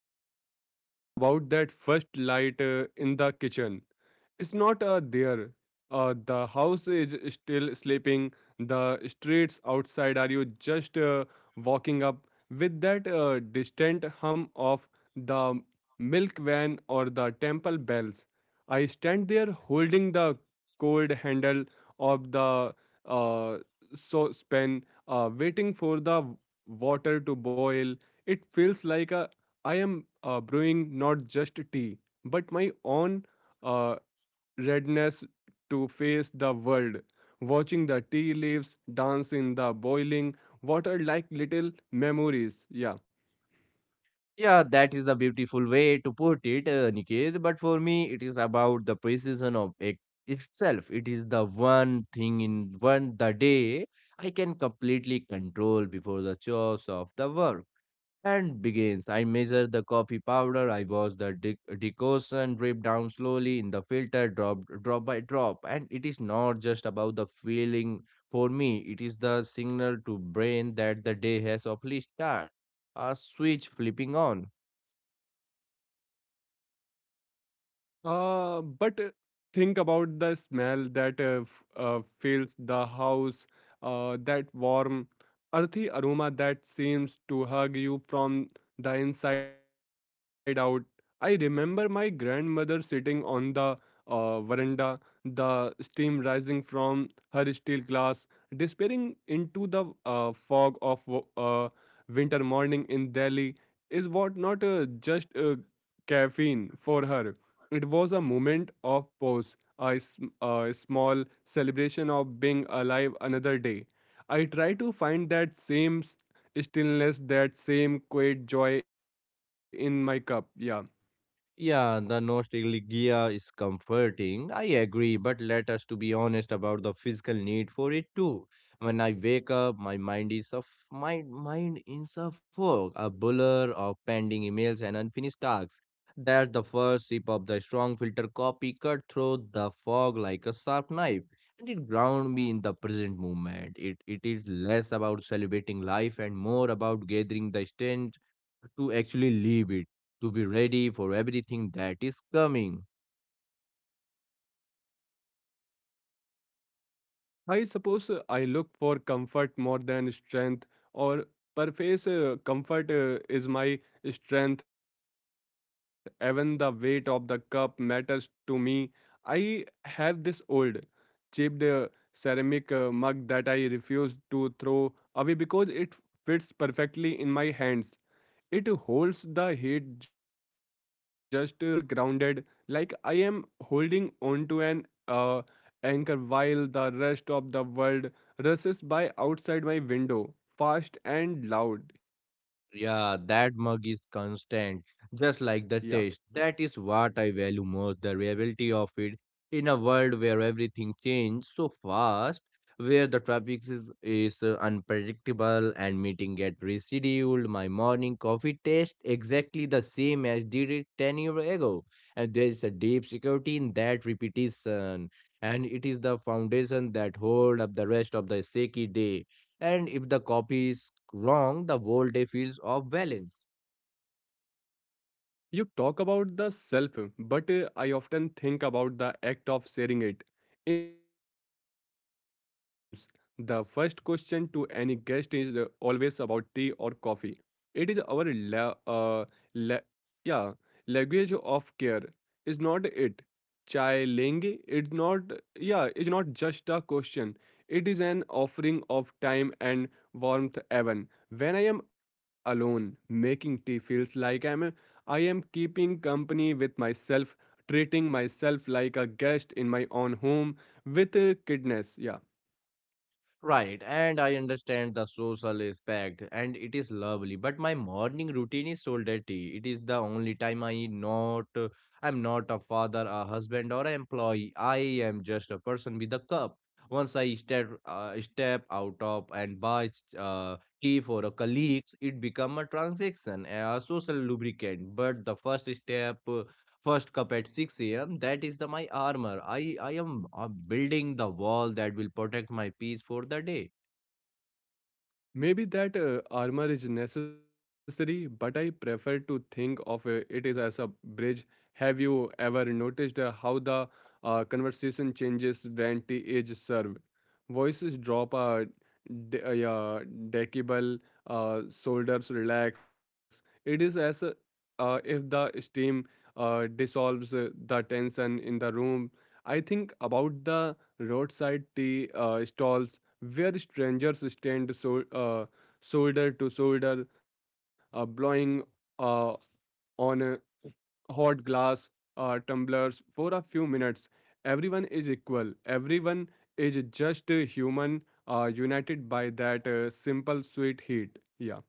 something scared about that first light in the kitchen. It's not there. The house is still sleeping. The streets outside are you just walking up with that distant hum of the milk van or the temple bells. I stand there holding the cold handle of the uh, saucepan, waiting for the water to boil. It feels like a I am brewing not just tea, but my own uh, readiness to face the world. Watching the tea leaves dance in the boiling water like little memories. Yeah. Yeah, that is the beautiful way to put it, Niket. But for me, it is about the precision of it itself. It is the one thing in one the day I can completely control before the chores of the work. And begins. I measure the coffee powder. I watch the decoction drip down slowly in the filter, drop by drop. And it is not just about the feeling for me. It is the signal to brain that the day has officially started. A switch flipping on. But think about the smell that fills the house, that warm, earthy aroma that seems to hug you from the inside out. I remember my grandmother sitting on the veranda, the steam rising from her steel glass, disappearing into the fog of winter morning in Delhi. Is what not just caffeine for her it was a moment of pause, a, a small celebration of being alive another day. I try to find that same stillness, that same quiet joy in my cup. Yeah. Yeah, the nostalgia is comforting. I agree, but let us to be honest about the physical need for it too. When I wake up, my mind in a fog, a blur of pending emails and unfinished tasks. That the first sip of the strong filter coffee cut through the fog like a sharp knife, and it ground me in the present moment. It is less about celebrating life and more about gathering the strength to actually live it to be ready for everything that is coming. I suppose I look for comfort more than strength, or perhaps comfort is my strength. Even the weight of the cup matters to me. I have this old, chipped ceramic mug that I refuse to throw away because it fits perfectly in my hands. It holds the heat just right. When I wrap my fingers around it, I feel grounded, like I am holding onto an anchor while the rest of the world rushes by outside my window, fast and loud. Yeah. Yeah, that mug is constant, just like the taste. That is what I value most the reality of it. In a world where everything changes so fast, where the traffic is unpredictable and meeting get rescheduled, my morning coffee tastes exactly the same as did it 10 years ago. And there is a deep security in that repetition and it is the foundation that hold up the rest of the shaky day. And if the copy is wrong, the whole day feels off balance. You talk about the self, but I often think about the act of sharing it. In our homes, the first question to any guest is always about tea or coffee. It is our la- yeah, language of care. Is not it? Chai lengi? It's not yeah. It's not just a question. It is an offering of time and warmth. Even when I am alone, making tea feels like I am keeping company with myself, treating myself like a guest in my own home with kindness. Yeah. Right, and I understand the social aspect and it is lovely, but my morning routine is so dirty. It is the only time I not I'm not a father, a husband, or an employee. I am just a person with a cup. Once I step out of and buy uh, tea for a colleagues, it become a transaction, a social lubricant. But the first step first cup at 6 a.m. That is the my armor. I am building the wall that will protect my peace for the day. Maybe that armor is necessary, but I prefer to think of it is as a bridge. Have you ever noticed how the conversation changes when tea is served? Voices drop a yeah, decibel, shoulders relax. It is as if the steam dissolves the tension in the room. I think about the roadside tea stalls where strangers stand so, shoulder to shoulder, blowing uh, on hot glass tumblers for a few minutes. Everyone is equal. Everyone is just a human, united by that simple sweet heat. Yeah.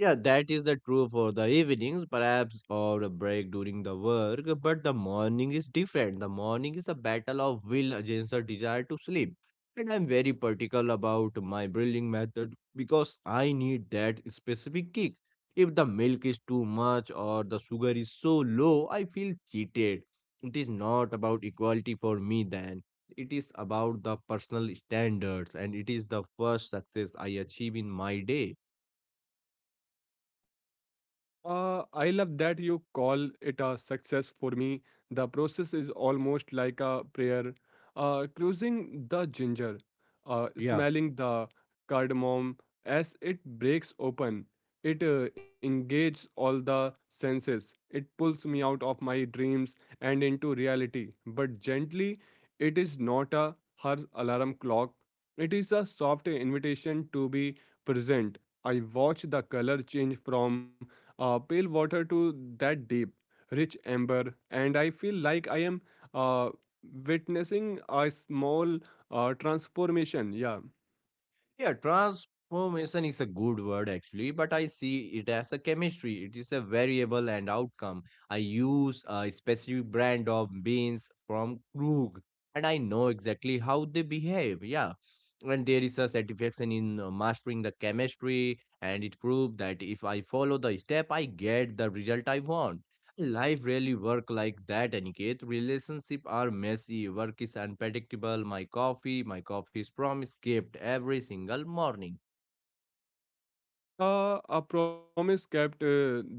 Yeah, that is the true for the evenings, perhaps, or a break during the work. But the morning is different. The morning is a battle of will against the desire to sleep. And I'm very particular about my brewing method because I need that specific kick. If the milk is too much or the sugar is so low, I feel cheated. It is not about equality for me then. It is about the personal standards, and it is the first success I achieve in my day. I love that you call it a success for me. The process is almost like a prayer. Cruising the ginger, Yeah. smelling the cardamom as it breaks open. It engages all the senses. It pulls me out of my dreams and into reality. But gently, it is not a harsh alarm clock. It is a soft invitation to be present I watched the color change from pale water to that deep, rich amber, and I feel like I am uh, witnessing a small transformation. Yeah. Yeah, transformation is a good word actually, but I see it as a chemistry. It is a variable and outcome. I use a specific brand of beans from Krug and I know exactly how they behave. Yeah. And there is a satisfaction in mastering the chemistry, and it proved that if I follow the step, I get the result I want. Life really work like that, Aniket. Relationship are messy, work is unpredictable. My coffee is promise kept every single morning. A promise kept uh, that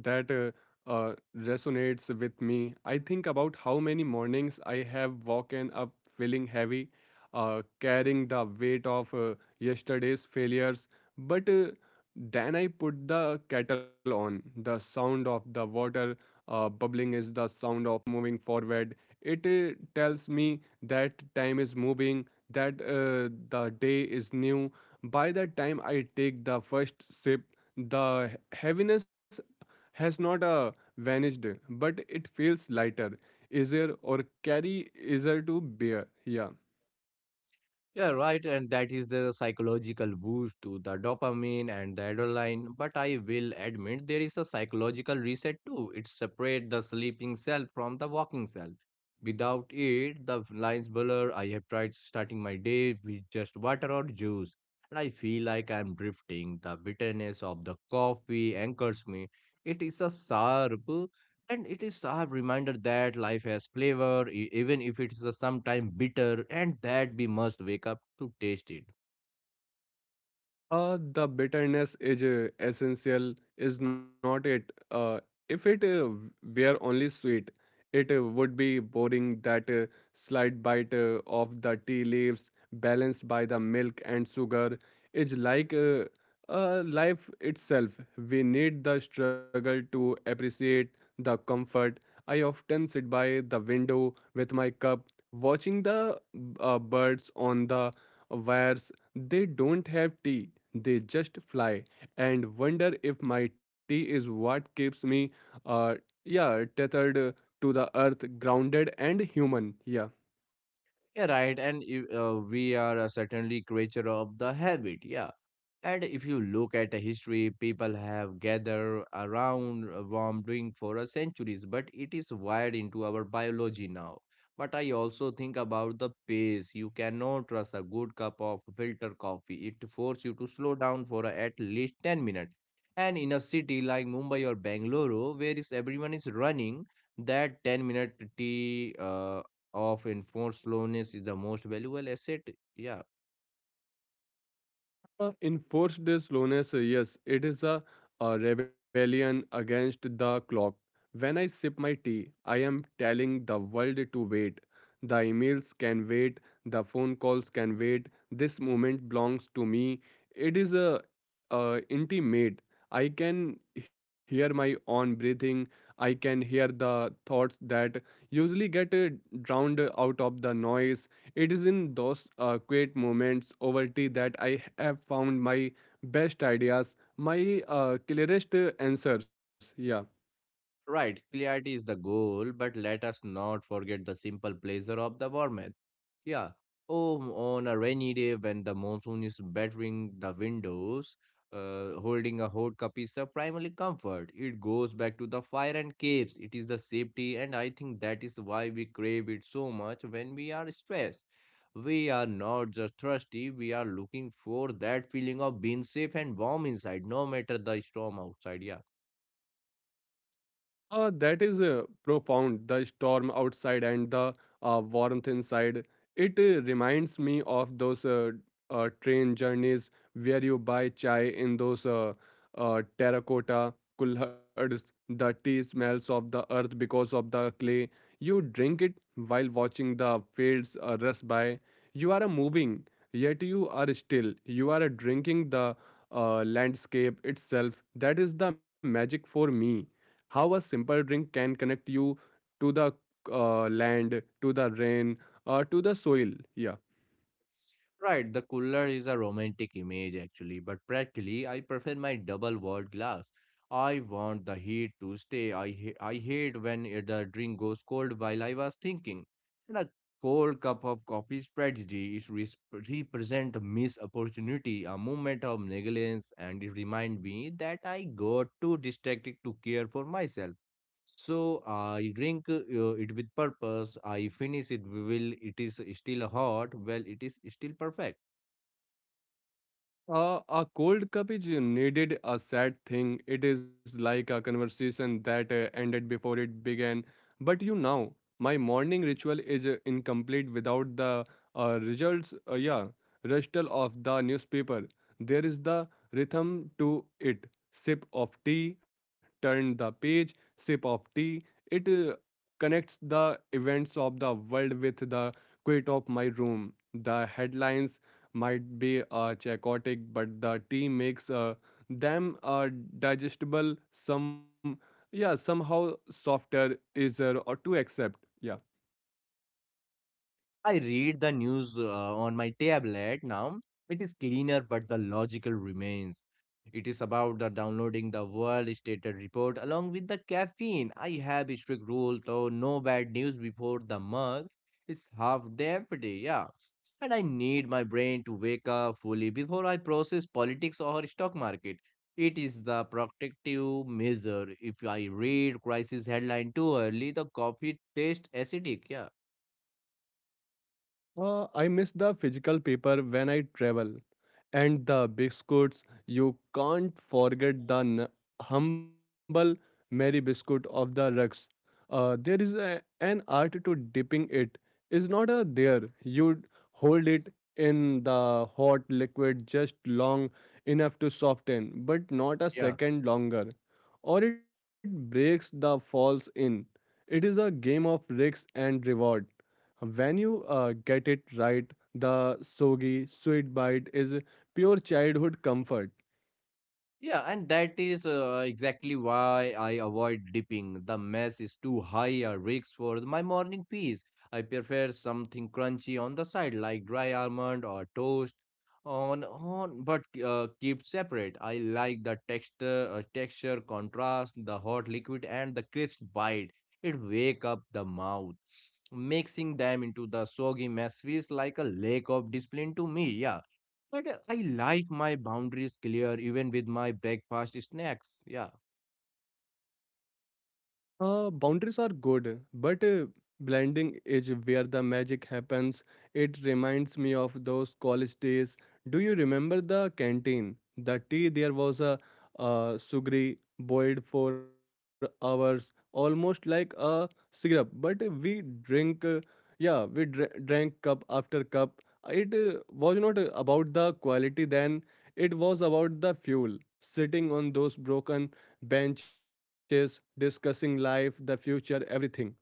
uh, uh, resonates with me. I think about how many mornings I have woken up feeling heavy, carrying the weight of yesterday's failures. But then I put the kettle on. The sound of the water bubbling is the sound of moving forward. It tells me that time is moving, that the day is new. By the time I take the first sip, the heaviness has not vanished, but it feels lighter, easier, or carry easier to bear. Yeah. Yeah, right. And that is the psychological boost to the dopamine and the adrenaline. But I will admit there is a psychological reset too. It separates the sleeping self from the walking self. Without it, the lines blur. I have tried starting my day with just water or juice. And I feel like I'm drifting. The bitterness of the coffee anchors me. It is a sharp and it is a reminder that life has flavor, even if it is a sometime bitter, and that we must wake up to taste it. The bitterness is essential, is not it? If it were only sweet, it would be boring. That slight bite of the tea leaves, balanced by the milk and sugar, is like life itself. We need the struggle to appreciate the comfort. I often sit by the window with my cup, watching the birds on the wires they don't have tea, they just fly and wonder if my tea is what keeps me, uh, yeah, tethered to the earth, grounded and human. Yeah. Yeah, right. And if, we are certainly creature of the habit. Yeah. And if you look at the history, people have gathered around a warm drink for a centuries, but it is wired into our biology now. But I also think about the pace. You cannot trust a good cup of filter coffee. It forces you to slow down for at least 10 minutes. And in a city like Mumbai or Bangalore, where is everyone is running, that 10 minute tea of enforced slowness is the most valuable asset yeah. Enforced slowness, yes, it is a rebellion against the clock. When I sip my tea, I am telling the world to wait. The emails can wait, the phone calls can wait. This moment belongs to me. It is a intimate. I can hear my own breathing. I can hear the thoughts that usually get drowned out of the noise it is in those quiet moments over tea that I have found my best ideas, my clearest answers. Yeah. Right, clarity is the goal, but let us not forget the simple pleasure of the warmth. Yeah. Oh, on a rainy day when the monsoon is battering the windows, holding a hot cup is a primary comfort. It goes back to the fire and caves. It is the safety, and I think that is why we crave it so much when we are stressed. We are not just thirsty, we are looking for that feeling of being safe and warm inside, no matter the storm outside. Yeah. That is profound. The storm outside and the warmth inside. It reminds me of those train journeys where you buy chai in those terracotta kulhards. The tea smells of the earth because of the clay. You drink it while watching the fields rust by. You are moving, yet you are still. You are drinking the landscape itself. That is the magic for me. How a simple drink can connect you to the land, to the rain, or to the soil. Yeah. Right, the cooler is a romantic image actually, but practically I prefer my double walled glass. I want the heat to stay. I hate when the drink goes cold while I was thinking. And a cold cup of coffee strategy is represent a missed opportunity, a moment of negligence, and it remind me that I got too distracted to care for myself. So I drink it with purpose. I finish it will. It is still hot. Well, it is still perfect. A cold cup is needed a sad thing. It is like a conversation that ended before it began. But you now, my morning ritual is incomplete without the results. Yeah, rustle of the newspaper. There is the rhythm to it. Sip of tea, turn the page. Sip of tea. It connects the events of the world with the quiet of my room. The headlines might be chaotic, but the tea makes them digestible. Some yeah somehow softer, easier or to accept. Yeah, I read the news on my tablet now. It is cleaner, but the logical remains. It is about the downloading the world stated report along with the caffeine. I have a strict rule though no bad news before the mug. It's half empty, yeah. And I need my brain to wake up fully before I process politics or stock market. It is the protective measure. If I read crisis headline too early, the coffee tastes acidic. Yeah. I miss the physical paper when I travel. And the biscuits you can't forget the humble mary biscuit of the rugs. There is an art to dipping it. It is not a there you hold it in the hot liquid just long enough to soften but not a Yeah. second longer or it breaks the falls in it is a game of risk and reward when you get it right the soggy sweet bite is pure childhood comfort. Yeah, and that is exactly why I avoid dipping. The mess is too high a risk for my morning peace. I prefer something crunchy on the side, like dry almond or toast. On, but keep separate. I like the texture, texture contrast, the hot liquid, and the crisp bite. It wake up the mouth. Mixing them into the soggy mess feels like a lack of discipline to me. Yeah. But I like my boundaries clear even with my breakfast snacks. Yeah. Boundaries are good, but blending is where the magic happens. It reminds me of those college days. Do you remember the canteen? The tea there was a sugary boiled for hours, almost like a syrup. But we drank cup after cup. It was not about the quality then. It was about the fuel. Sitting on those broken benches, discussing life, the future, everything.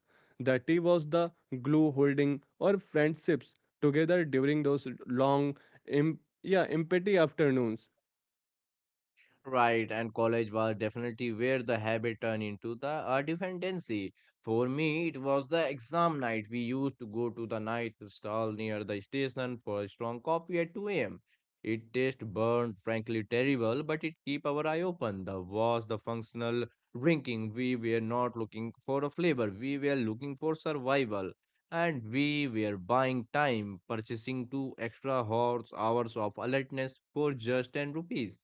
The tea was the glue holding our friendships together during those long, yeah, empty afternoons. Right, and college was definitely where the habit turned into the dependency. For me, it was the exam night. We used to go to the night stall near the station for a strong coffee at 2 a.m. It taste burned, frankly terrible, but it keep our eye open. The was the functional drinking. We were not looking for a flavor. We were looking for survival. And we were buying time, purchasing two extra horse hours of alertness for just 10 rupees.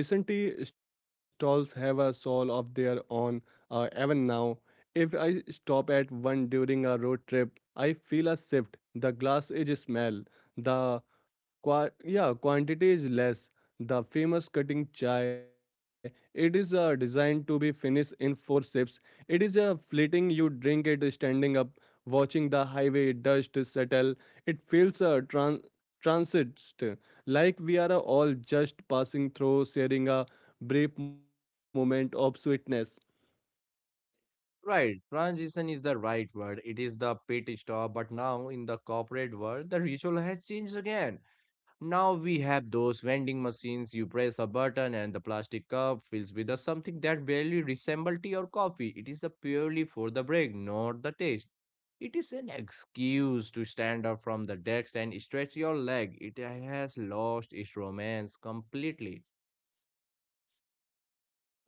Now the station tea stalls have a soul of their own. Even now, if I stop at one during a road trip, I feel a shift. The glass is smell, the yeah, quantity is less. The famous cutting chai, it is designed to be finished in four sips. It is a fleeting, you drink it standing up, watching the highway dust settle. It feels a transit, like we are all just passing through, sharing a brief moment of sweetness. Right, transition is the right word. It is the pit stop, but now in the corporate world, the ritual has changed again. Now we have those vending machines. You press a button, and the plastic cup fills with the something that barely resembles tea or coffee. It is the purely for the break, not the taste. It is an excuse to stand up from the desk and stretch your leg. It has lost its romance completely.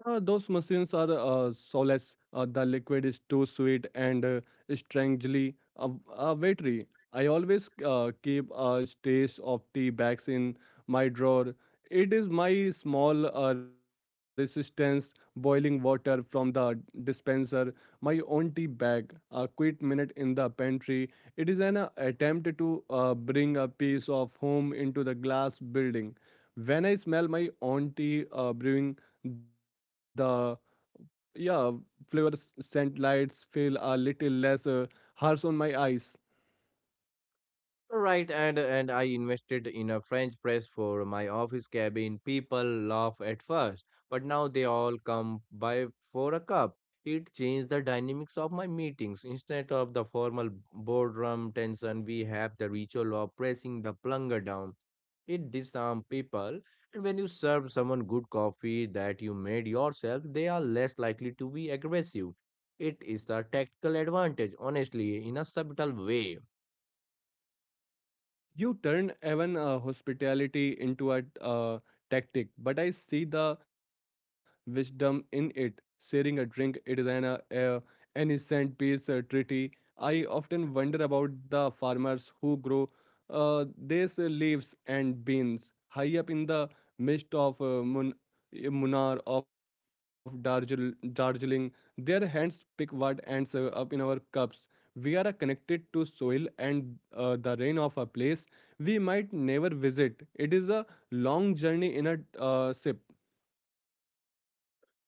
Those machines are soulless. The liquid is too sweet and strangely watery. I always keep a stash of tea bags in my drawer. It is my small resistance boiling water from the dispenser, my own tea bag, a quick minute in the pantry. It is an attempt to bring a piece of home into the glass building. When I smell my own tea brewing, the yeah, flavor scent lights feel a little less harsh on my eyes. Right, and I invested in a French press for my office cabin. People laugh at first, but now they all come by for a cup. It changed the dynamics of my meetings. Instead of the formal boardroom tension, we have the ritual of pressing the plunger down. It disarms people, and when you serve someone good coffee that you made yourself, they are less likely to be aggressive. It is the tactical advantage, honestly, in a subtle way. You turn even hospitality into a tactic, but I see the wisdom in it. Sharing a drink, it is an innocent peace treaty. I often wonder about the farmers who grow these leaves and beans high up in the midst of Munnar of Darjeeling. Their hands pick what ends up in our cups we are connected to soil and the rain of a place we might never visit. It is a long journey in a ship.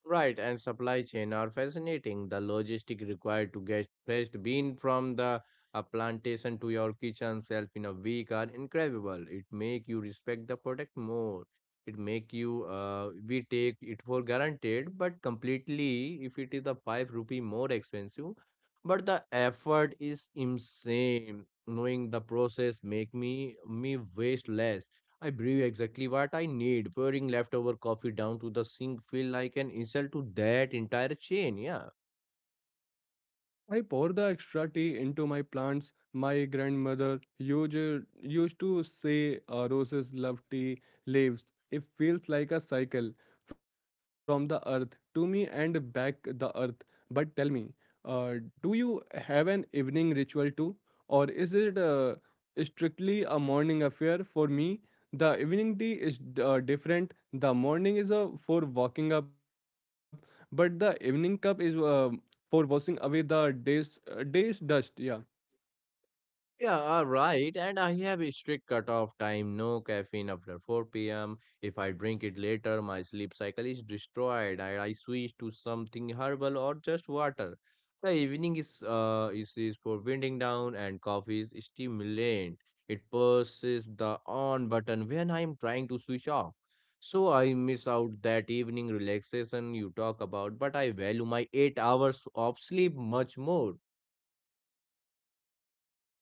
Right, and supply chain are fascinating. The logistic required to get fresh bean from the plantation to your kitchen shelf in a week are incredible. It make you respect the product more. It make you we take it for granted, but completely if it is a 5 rupee more expensive, but the effort is insane. Knowing the process make me waste less. I brew exactly what I need. Pouring leftover coffee down to the sink feel like an insult to that entire chain. Yeah. I pour the extra tea into my plants. My grandmother used to say roses love tea leaves. It feels like a cycle from the earth to me and back the earth. But tell me, uh, do you have an evening ritual too? Or is it strictly a morning affair for me? The evening tea is different. The morning is for walking up, but the evening cup is for washing away the day's dust. Yeah. Yeah, right. And I have a strict cutoff time, no caffeine after 4 p.m. If I drink it later, my sleep cycle is destroyed. I switch to something herbal or just water. The evening is for winding down and coffee is stimulant. It pushes the on button when I'm trying to switch off. So I miss out that evening relaxation you talk about, but I value my 8 hours of sleep much more.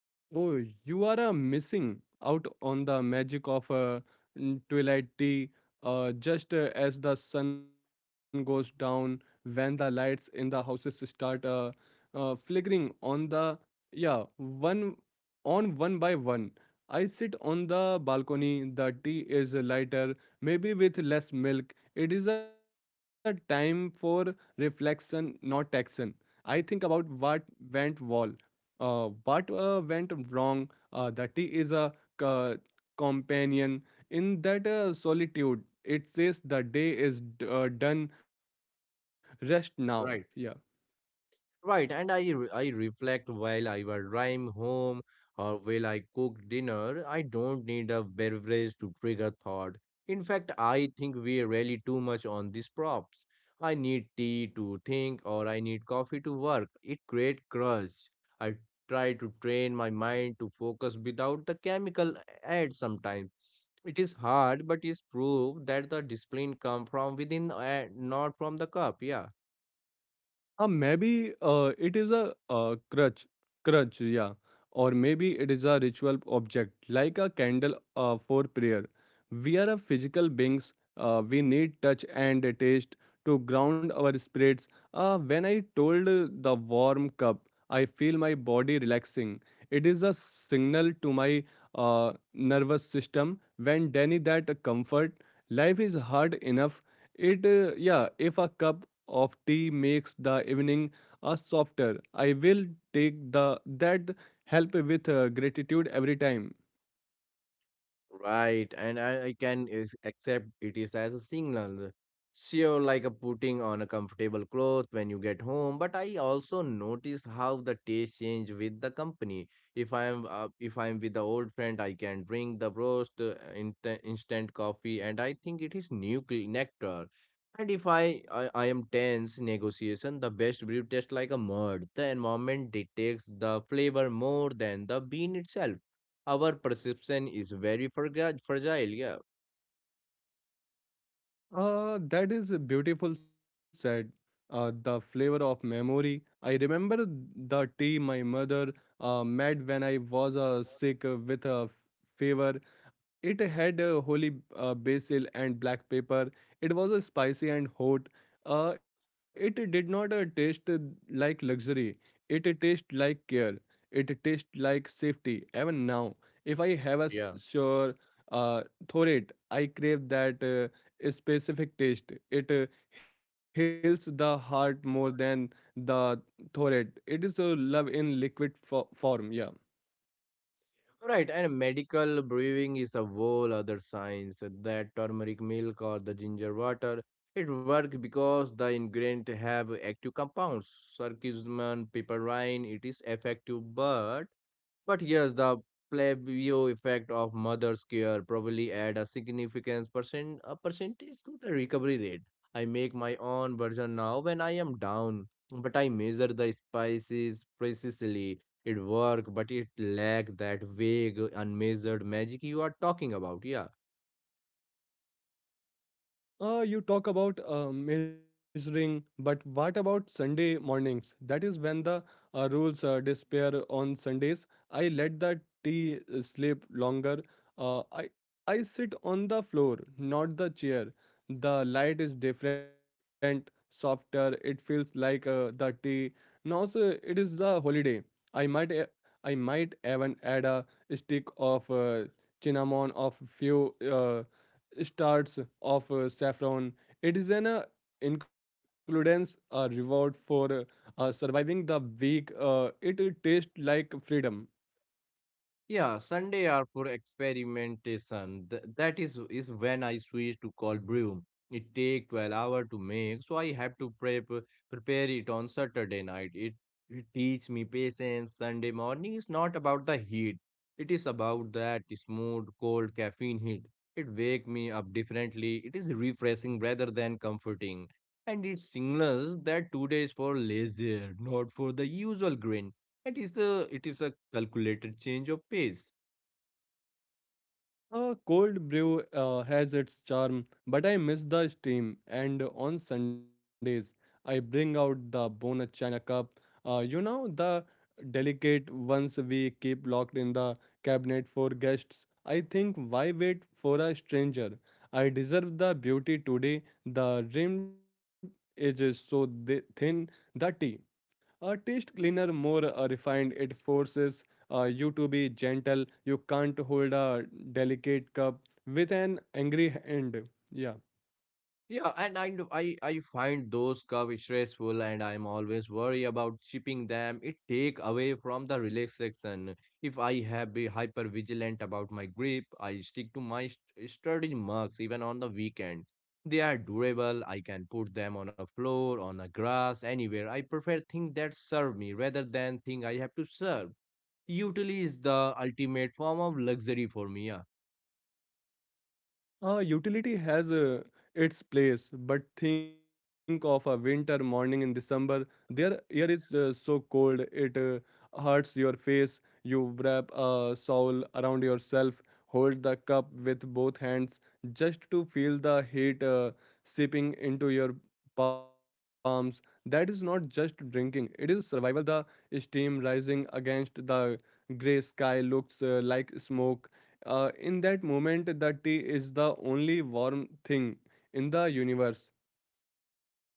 Oh, you are missing out on the magic of a twilight tea. Just as the sun goes down, when the lights in the houses start flickering on the, yeah, one by one. I sit on the balcony. The tea is lighter, maybe with less milk. It is a time for reflection, not action. I think about what went well, what went wrong? That he is a co- companion in that solitude. It says the day is done. Rest now. Yeah. Right. Right, and I reflect while I was driving home or while I cook dinner. I don't need a beverage to trigger thought. In fact, I think we rely too much on these props. I need tea to think or I need coffee to work. It creates crush. I try to train my mind to focus without the chemical aid. Sometimes. It is hard, but it's proof that the discipline come from within and not from the cup. Yeah. Maybe it is a crutch, yeah, or maybe it is a ritual object like a candle for prayer. We are a physical beings. We need touch and taste to ground our spirits. When I told the warm cup, I feel my body relaxing. It is a signal to my nervous system when Danny that comfort. Life is hard enough. It, yeah, if a cup of tea makes the evening a softer. I will take the that help with gratitude every time. Right, and I can is- accept it is as a signal. Sure, like a putting on a comfortable cloth when you get home, but I also noticed how the taste change with the company. If I am with the old friend, I can drink the roast instant coffee, and I think it is new cl- nectar. And if I am tense negotiation, the best brew tastes like a mud. The environment detects the flavor more than the bean itself. Our perception is very fragile. Yeah. That is beautiful said. The flavor of memory. I remember the tea my mother made when I was sick with a fever. It had a holy basil and black pepper. It was spicy and hot. It did not taste like luxury. It tasted like care. It tasted like safety. Even now, if I have a Yeah. Sure uh, thorate, I crave that specific taste. It heals the heart more than the thorate. It is love in liquid form. Yeah. Right, and medical brewing is a whole other science. That turmeric milk or the ginger water, it work because the ingredient have active compounds. Circumcision piperine, it is effective but yes, the plebeo effect of mother's care probably add a significant percent a percentage to the recovery rate. I make my own version now when I am down, but I measure the spices precisely. It work, but it lack that vague, unmeasured magic you are talking about. Yeah. You talk about measuring, but what about Sunday mornings? That is when the rules disappear on Sundays. I let the tea sleep longer. Uh, I I sit on the floor, not the chair. The light is different, softer. It feels like the tea. Now so it is the holiday. I might e- I might even add a stick of cinnamon of few. Uh, Starts of saffron. It is an includes a reward for surviving the week. It tastes like freedom. Yeah, Sunday are for experimentation. That is when I switch to cold brew. It take 12 hour to make, so I have to prepare it on Saturday night. It teach me patience. Sunday morning is not about the heat. It is about that smooth cold caffeine hit. It wake me up differently. It is refreshing rather than comforting, and it signals that today is for leisure, not for the usual grind. It is a calculated change of pace. A cold brew has its charm, but I miss the steam. And on Sundays, I bring out the Bona China cup. The delicate ones we keep locked in the cabinet for guests. I think, why wait for a stranger? I deserve the beauty today. The rim is so thin, the tea. A taste cleaner, more refined, it forces you to be gentle. You can't hold a delicate cup with an angry hand. Yeah. Yeah, and I know- I find those curves stressful, and I'm always worried about shipping them. It take away from the relaxation. If I have be hyper vigilant about my grip, I stick to my st- sturdy marks even on the weekend. They are durable. I can put them on a floor, on a grass, anywhere. I prefer things that serve me rather than things I have to serve. Utility is the ultimate form of luxury for me. Yeah. Utility has its place, but think of a winter morning in December. Their air is so cold, it hurts your face. You wrap a shawl around yourself, hold the cup with both hands just to feel the heat seeping into your palms. That is not just drinking, it is survival. The steam rising against the gray sky looks like smoke. In that moment, the tea is the only warm thing in the universe.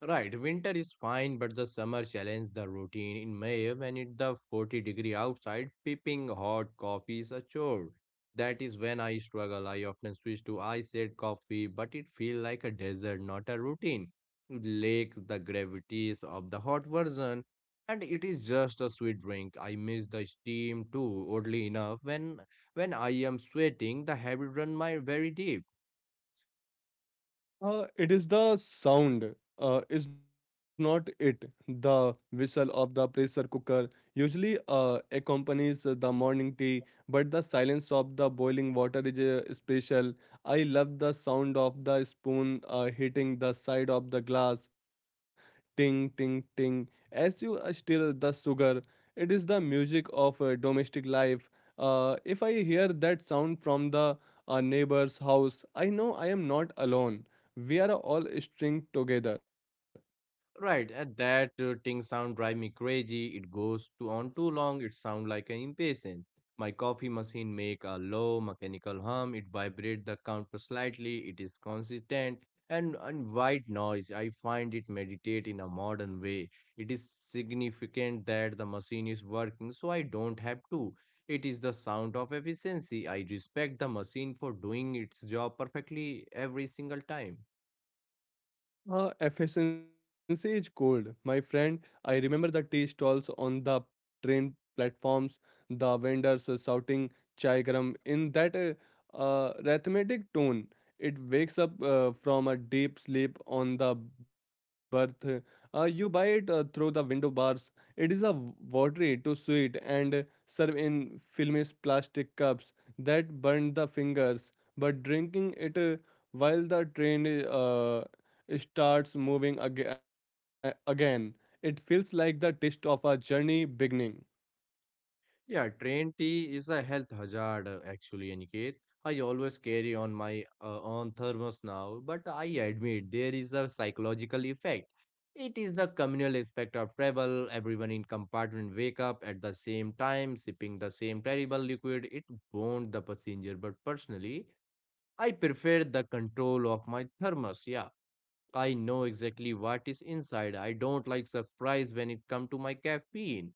Right, winter is fine, but the summer challenged the routine. In May, when it's the 40-degree outside, sipping hot coffee is a chore. That is when I struggle. I often switch to iced coffee, but it feels like a desert, not a routine. It lacks the gravities of the hot version, and it is just a sweet drink. I miss the steam too. Oddly enough, when I am sweating, the habit run my very deep. It is the sound, is not it. The whistle of the pressure cooker usually accompanies the morning tea, but the silence of the boiling water is special. I love the sound of the spoon hitting the side of the glass, ting, ting, ting, as you stir the sugar. It is the music of domestic life. If I hear that sound from the neighbor's house, I know I am not alone. We are all string together. Right, and that ting sound drive me crazy. It goes to on too long. It sound like an impatient. My coffee machine make a low mechanical hum. It vibrate the counter slightly. It is consistent and white noise. I find it meditate in a modern way. It is significant that the machine is working, so I don't have to. It is the sound of efficiency. I respect the machine for doing its job perfectly every single time. Efficiency is gold, my friend. I remember the tea stalls on the train platforms, the vendors shouting chai garam in that rhythmic tone. It wakes up from a deep sleep on the berth. You buy it through the window bars. It is a watery to sweet and serve in filmish plastic cups that burn the fingers. But drinking it while the train starts moving again. It feels like the taste of a journey beginning. Yeah, train tea is a health hazard actually, Aniket. I always carry on my own thermos now, but I admit there is a psychological effect. It is the communal aspect of travel. Everyone in compartment wake up at the same time, sipping the same terrible liquid. It bonds the passenger, but personally, I prefer the control of my thermos. Yeah, I know exactly what is inside. I don't like surprise when it come to my caffeine.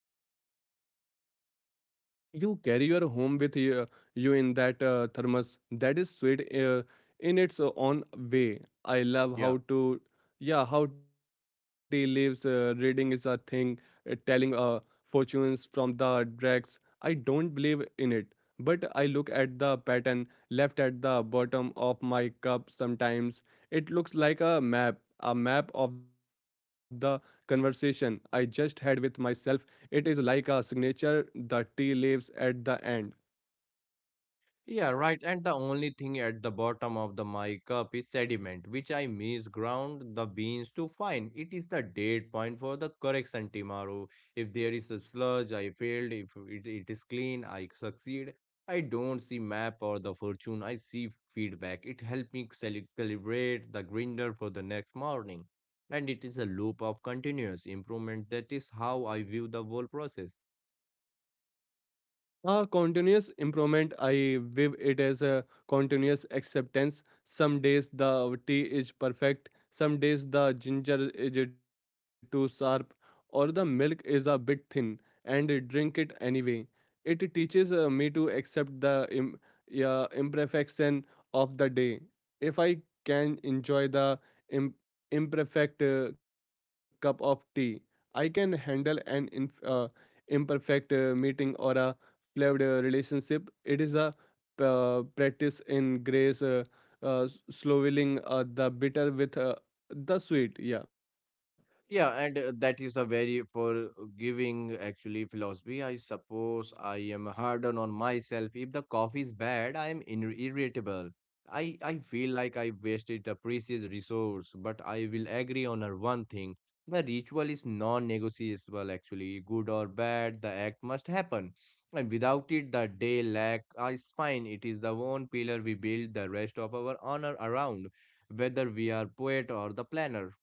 You carry your home with you, you in that thermos. That is sweet in its own way. I love yeah, how tea leaves reading is a thing. Telling fortunes from the dregs. I don't believe in it, but I look at the pattern left at the bottom of my cup. Sometimes it looks like a map of the conversation I just had with myself. It is like a signature the tea leaves at the end. Yeah, right. And the only thing at the bottom of the my cup is sediment, which I misground the beans to find. It is the date point for the correction tomorrow. If there is a sludge, I failed. If it is clean, I succeed. I don't see map or the fortune. I see feedback. It helped me cali- calibrate the grinder for the next morning. And it is a loop of continuous improvement. That is how I view the whole process. Continuous improvement, I view it as a continuous acceptance. Some days the tea is perfect, some days the ginger is too sharp, or the milk is a bit thin, and drink it anyway. It teaches me to accept the yeah, imperfection of the day. If I can enjoy the Im- imperfect cup of tea, I can handle an imperfect meeting or a loved relationship. It is a practice in grace, uh, swallowing the bitter with the sweet. Yeah. Yeah, and that is a very forgiving actually philosophy. I suppose I am hard on myself. If the coffee is bad, I am in irritable. I feel like I wasted a precious resource, but I will agree on her one thing. The ritual is non-negotiable actually. Good or bad, the act must happen. And without it, the day lack is fine. It is the one pillar we build the rest of our honor around, whether we are poet or the planner.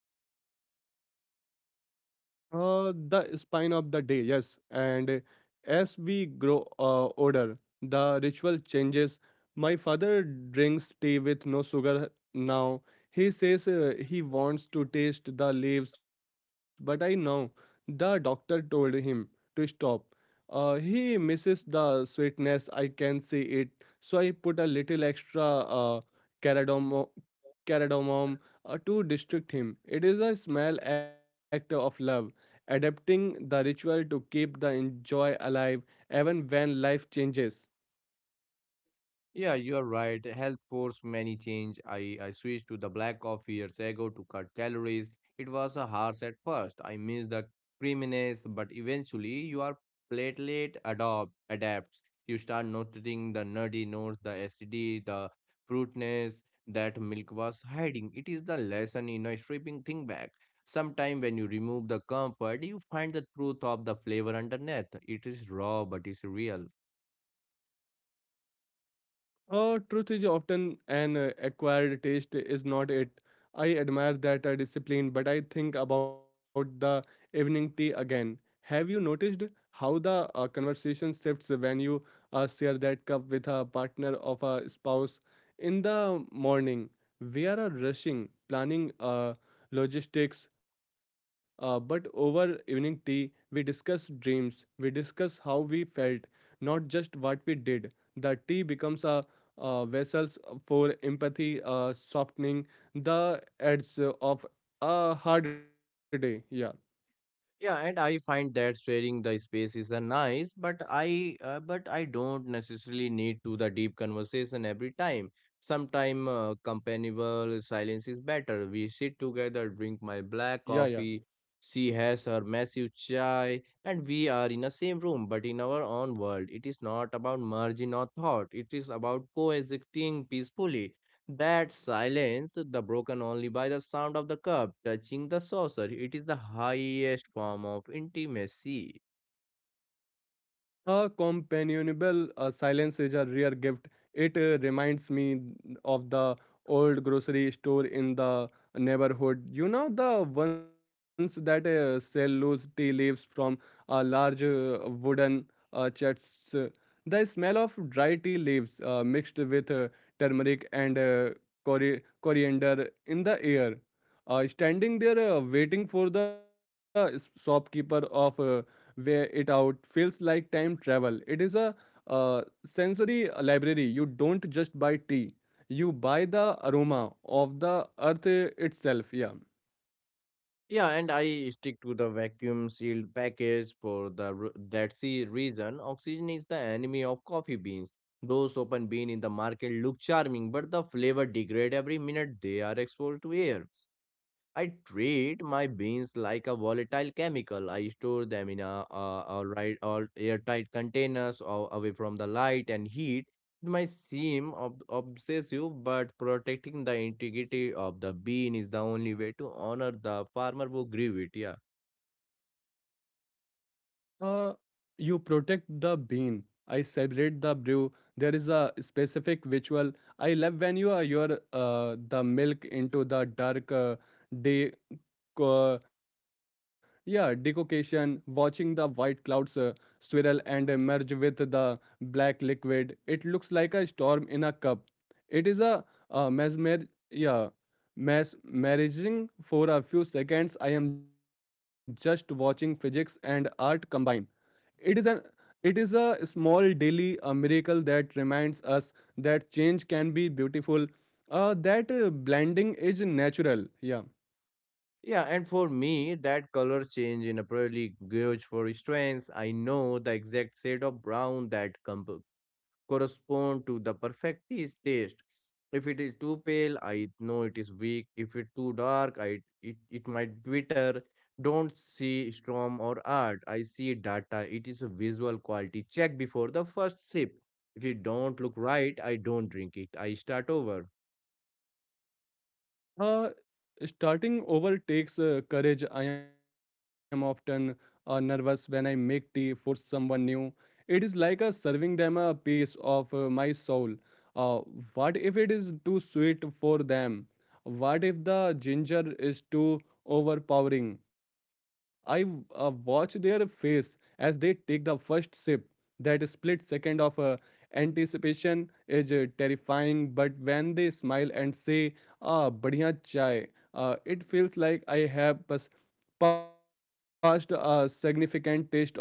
The spine of the day, yes. And as we grow older, the ritual changes. My father drinks tea with no sugar now. He says he wants to taste the leaves, but I know the doctor told him to stop. He misses the sweetness. I can see it, so I put a little extra cardamomo, cardamom to distract him. It is a small act of love adapting the ritual to keep the joy alive even when life changes. Yeah, you are right. Health forced many change. I switched to the black coffee years ago to cut calories. It was a harsh at first. I missed the creaminess, but eventually your platelet adopt adapts. You start noticing the nutty notes, the acidity, the fruitness that milk was hiding. It is the lesson in a stripping thing back. Sometime when you remove the comfort, you find the truth of the flavor underneath. It is raw, but it's real. Truth is often an acquired taste, is not it? I admire that discipline, but I think about the evening tea again. Have you noticed how the conversation shifts when you share that cup with a partner of a spouse? In the morning, we are rushing, planning logistics, but over evening tea, we discuss dreams, we discuss how we felt, not just what we did. The tea becomes a vessels for empathy, softening the edge of a hard day. Yeah, Yeah, and I find that sharing the space is a nice, but I don't necessarily need to the deep conversation every time. Sometime companionable silence is better. We sit together, drink my black yeah, yeah. coffee. She has her massive chai, and we are in the same room, but in our own world. It is not about merging or thought. It is about coexisting peacefully. That silence, the broken only by the sound of the cup touching the saucer, it is the highest form of intimacy. A companionable silence is a rare gift. It reminds me of the old grocery store in the neighborhood. The ones that sell loose tea leaves from large wooden chests. The smell of dry tea leaves mixed with turmeric and coriander in the air. Standing there waiting for the shopkeeper of wear it out feels like time travel. It is a sensory library. You don't just buy tea, you buy the aroma of the earth itself. Yeah. Yeah, and I stick to the vacuum sealed package for the that sea reason. Oxygen is the enemy of coffee beans. Those open bean in the market look charming, but the flavor degrade every minute they are exposed to air. I treat my beans like a volatile chemical. I store them in a, all airtight containers or away from the light and heat. It might seem obsessive, but protecting the integrity of the bean is the only way to honor the farmer who grew it. Yeah. Uh, you protect the bean. I celebrate the brew. There is a specific ritual. I love when you are your the milk into the dark day. co- yeah, decoction. Watching the white clouds swirl and merge with the black liquid. It looks like a storm in a cup. It is a mesmer. Yeah. Mesmerizing for a few seconds, I am just watching physics and art combine. It is an it is a small daily a miracle that reminds us that change can be beautiful, that blending is natural. Yeah. Yeah, and for me, that color change in a probably gauge for strengths. I know the exact shade of brown that correspond to the perfect taste. If it is too pale, I know it is weak. If it's too dark, it might bitter. Don't see storm or art. I see data. It is a visual quality check before the first sip. If it don't look right, I don't drink it. I start over. Uh, Starting over takes courage. I am often nervous when I make tea for someone new. It is like serving them a piece of my soul. Uh, what if it is too sweet for them? What if the ginger is too overpowering? I watch their face as they take the first sip. That split second of anticipation is terrifying, but when they smile and say, "Ah, badhiya chai." It feels like I have passed a significant taste of character, yeah.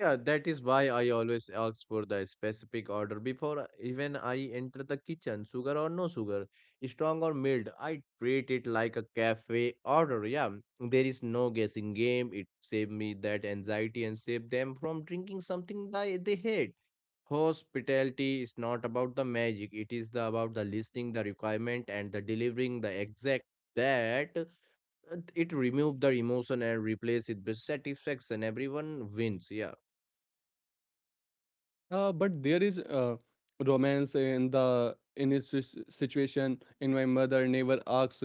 Yeah, that is why I always ask for the specific order before even I enter the kitchen. Sugar or no sugar, strong or mild. I treat it like a cafe order. Yeah, there is no guessing game. It saved me that anxiety and saved them from drinking something they hate. Hospitality is not about the magic. It is the about the listening, the requirement, and the delivering the exact that it remove the emotion and replace it with satisfaction. Everyone wins. Yeah. But there is romance in the in this situation. In my mother never asks.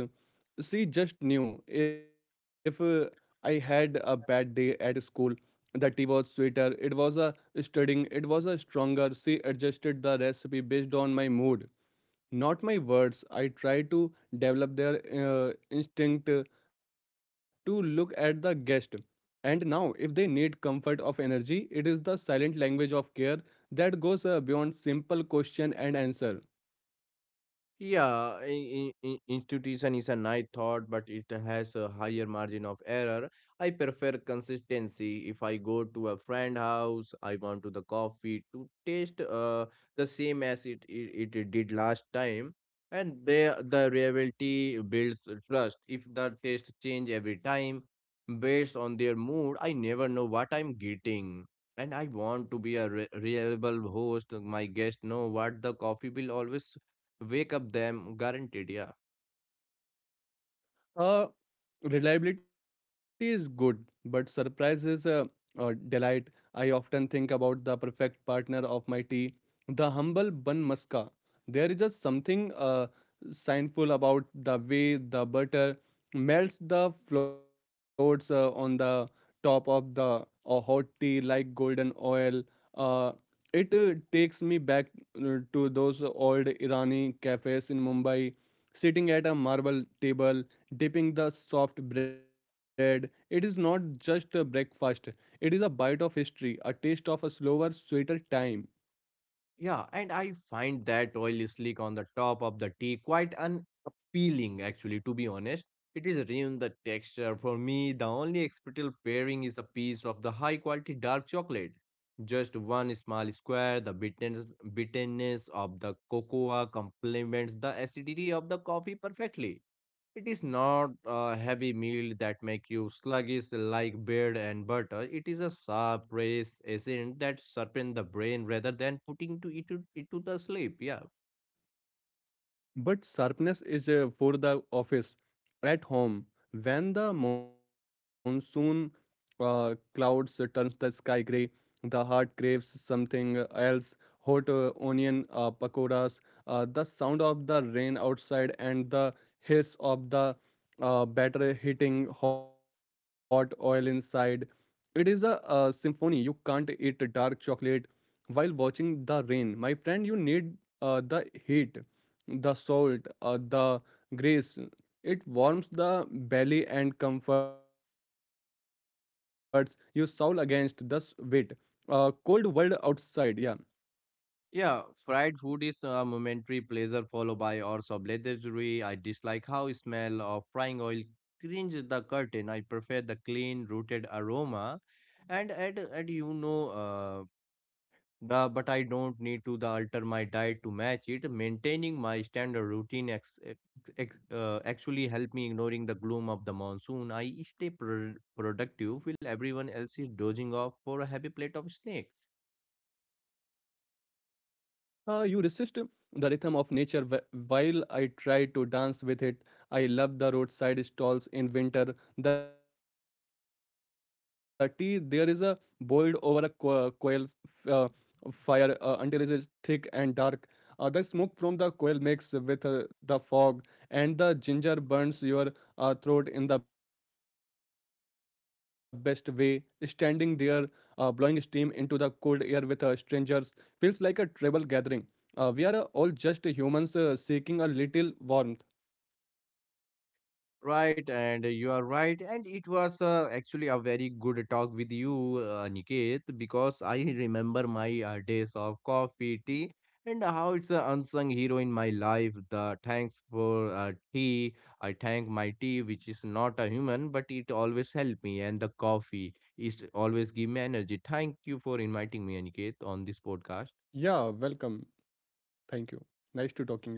She just knew if I had a bad day at school, the tea was sweeter. It was a studying. It was a stronger. She adjusted the recipe based on my mood not my words. I try to develop their instinct to look at the guest. And now, if they need comfort of energy, it is the silent language of care that goes beyond simple question and answer. Yeah, institution is a nice thought, but it has a higher margin of error. I prefer consistency. If I go to a friend house, I want to the coffee to taste the same as it did last time. And there the reality builds trust. If the taste change every time based on their mood, I never know what I'm getting. And I want to be a re reliable host. My guests know what the coffee will always wake up them guaranteed. Yeah. Uh, Reliability is good, but surprise is a delight. I often think about the perfect partner of my tea, the humble bun muska. There is just something signful about the way the butter melts the floats on the top of the hot tea like golden oil. Uh, it takes me back to those old Irani cafes in Mumbai, sitting at a marble table dipping the soft bread. It is not just a breakfast, it is a bite of history, a taste of a slower, sweeter time. Yeah, and I find that oily slick on the top of the tea quite unappealing actually, to be honest. It is ruined the texture for me. The only acceptable pairing is a piece of the high quality dark chocolate, just one small square. The bitterness of the cocoa complements the acidity of the coffee perfectly. It is not a heavy meal that make you sluggish like bread and butter. It is a sharp race agent that sharpen the brain rather than putting to it to the sleep. Yeah. But sharpness is for the office at home. When the monsoon clouds turns the sky gray, the heart craves something else. Hot onion pakoras, the sound of the rain outside, and the hiss of the batter hitting hot oil inside. It is a symphony. You can't eat dark chocolate while watching the rain. My friend, you need the heat the salt, the grace. It warms the belly and comforts your soul against the weight. Cold world outside, yeah. Yeah, fried food is a momentary pleasure followed by hours of lethargy. I dislike how smell of frying oil cringes the curtain. I prefer the clean rooted aroma and at you know the, but I don't need to the alter my diet to match it. Maintaining my standard routine actually help me ignoring the gloom of the monsoon. I stay productive while everyone else is dozing off for a heavy plate of snack. You resist the rhythm of nature while I try to dance with it. I love the roadside stalls in winter. The tea, there is a boiled over a coil f- uh, fire until it is thick and dark. The smoke from the coil mixes with the fog, and the ginger burns your throat in the best way. Standing there, blowing steam into the cold air with strangers feels like a tribal gathering. We are all just humans seeking a little warmth. Right, and you are right, and it was actually a very good talk with you, Aniket, because I remember my days of coffee, tea, and how it's an unsung hero in my life. The thanks for tea, I thank my tea, which is not a human, but it always helped me, and the coffee is always give me energy. Thank you for inviting me, Aniket, on this podcast. Yeah, welcome. Thank you. Nice to talking you.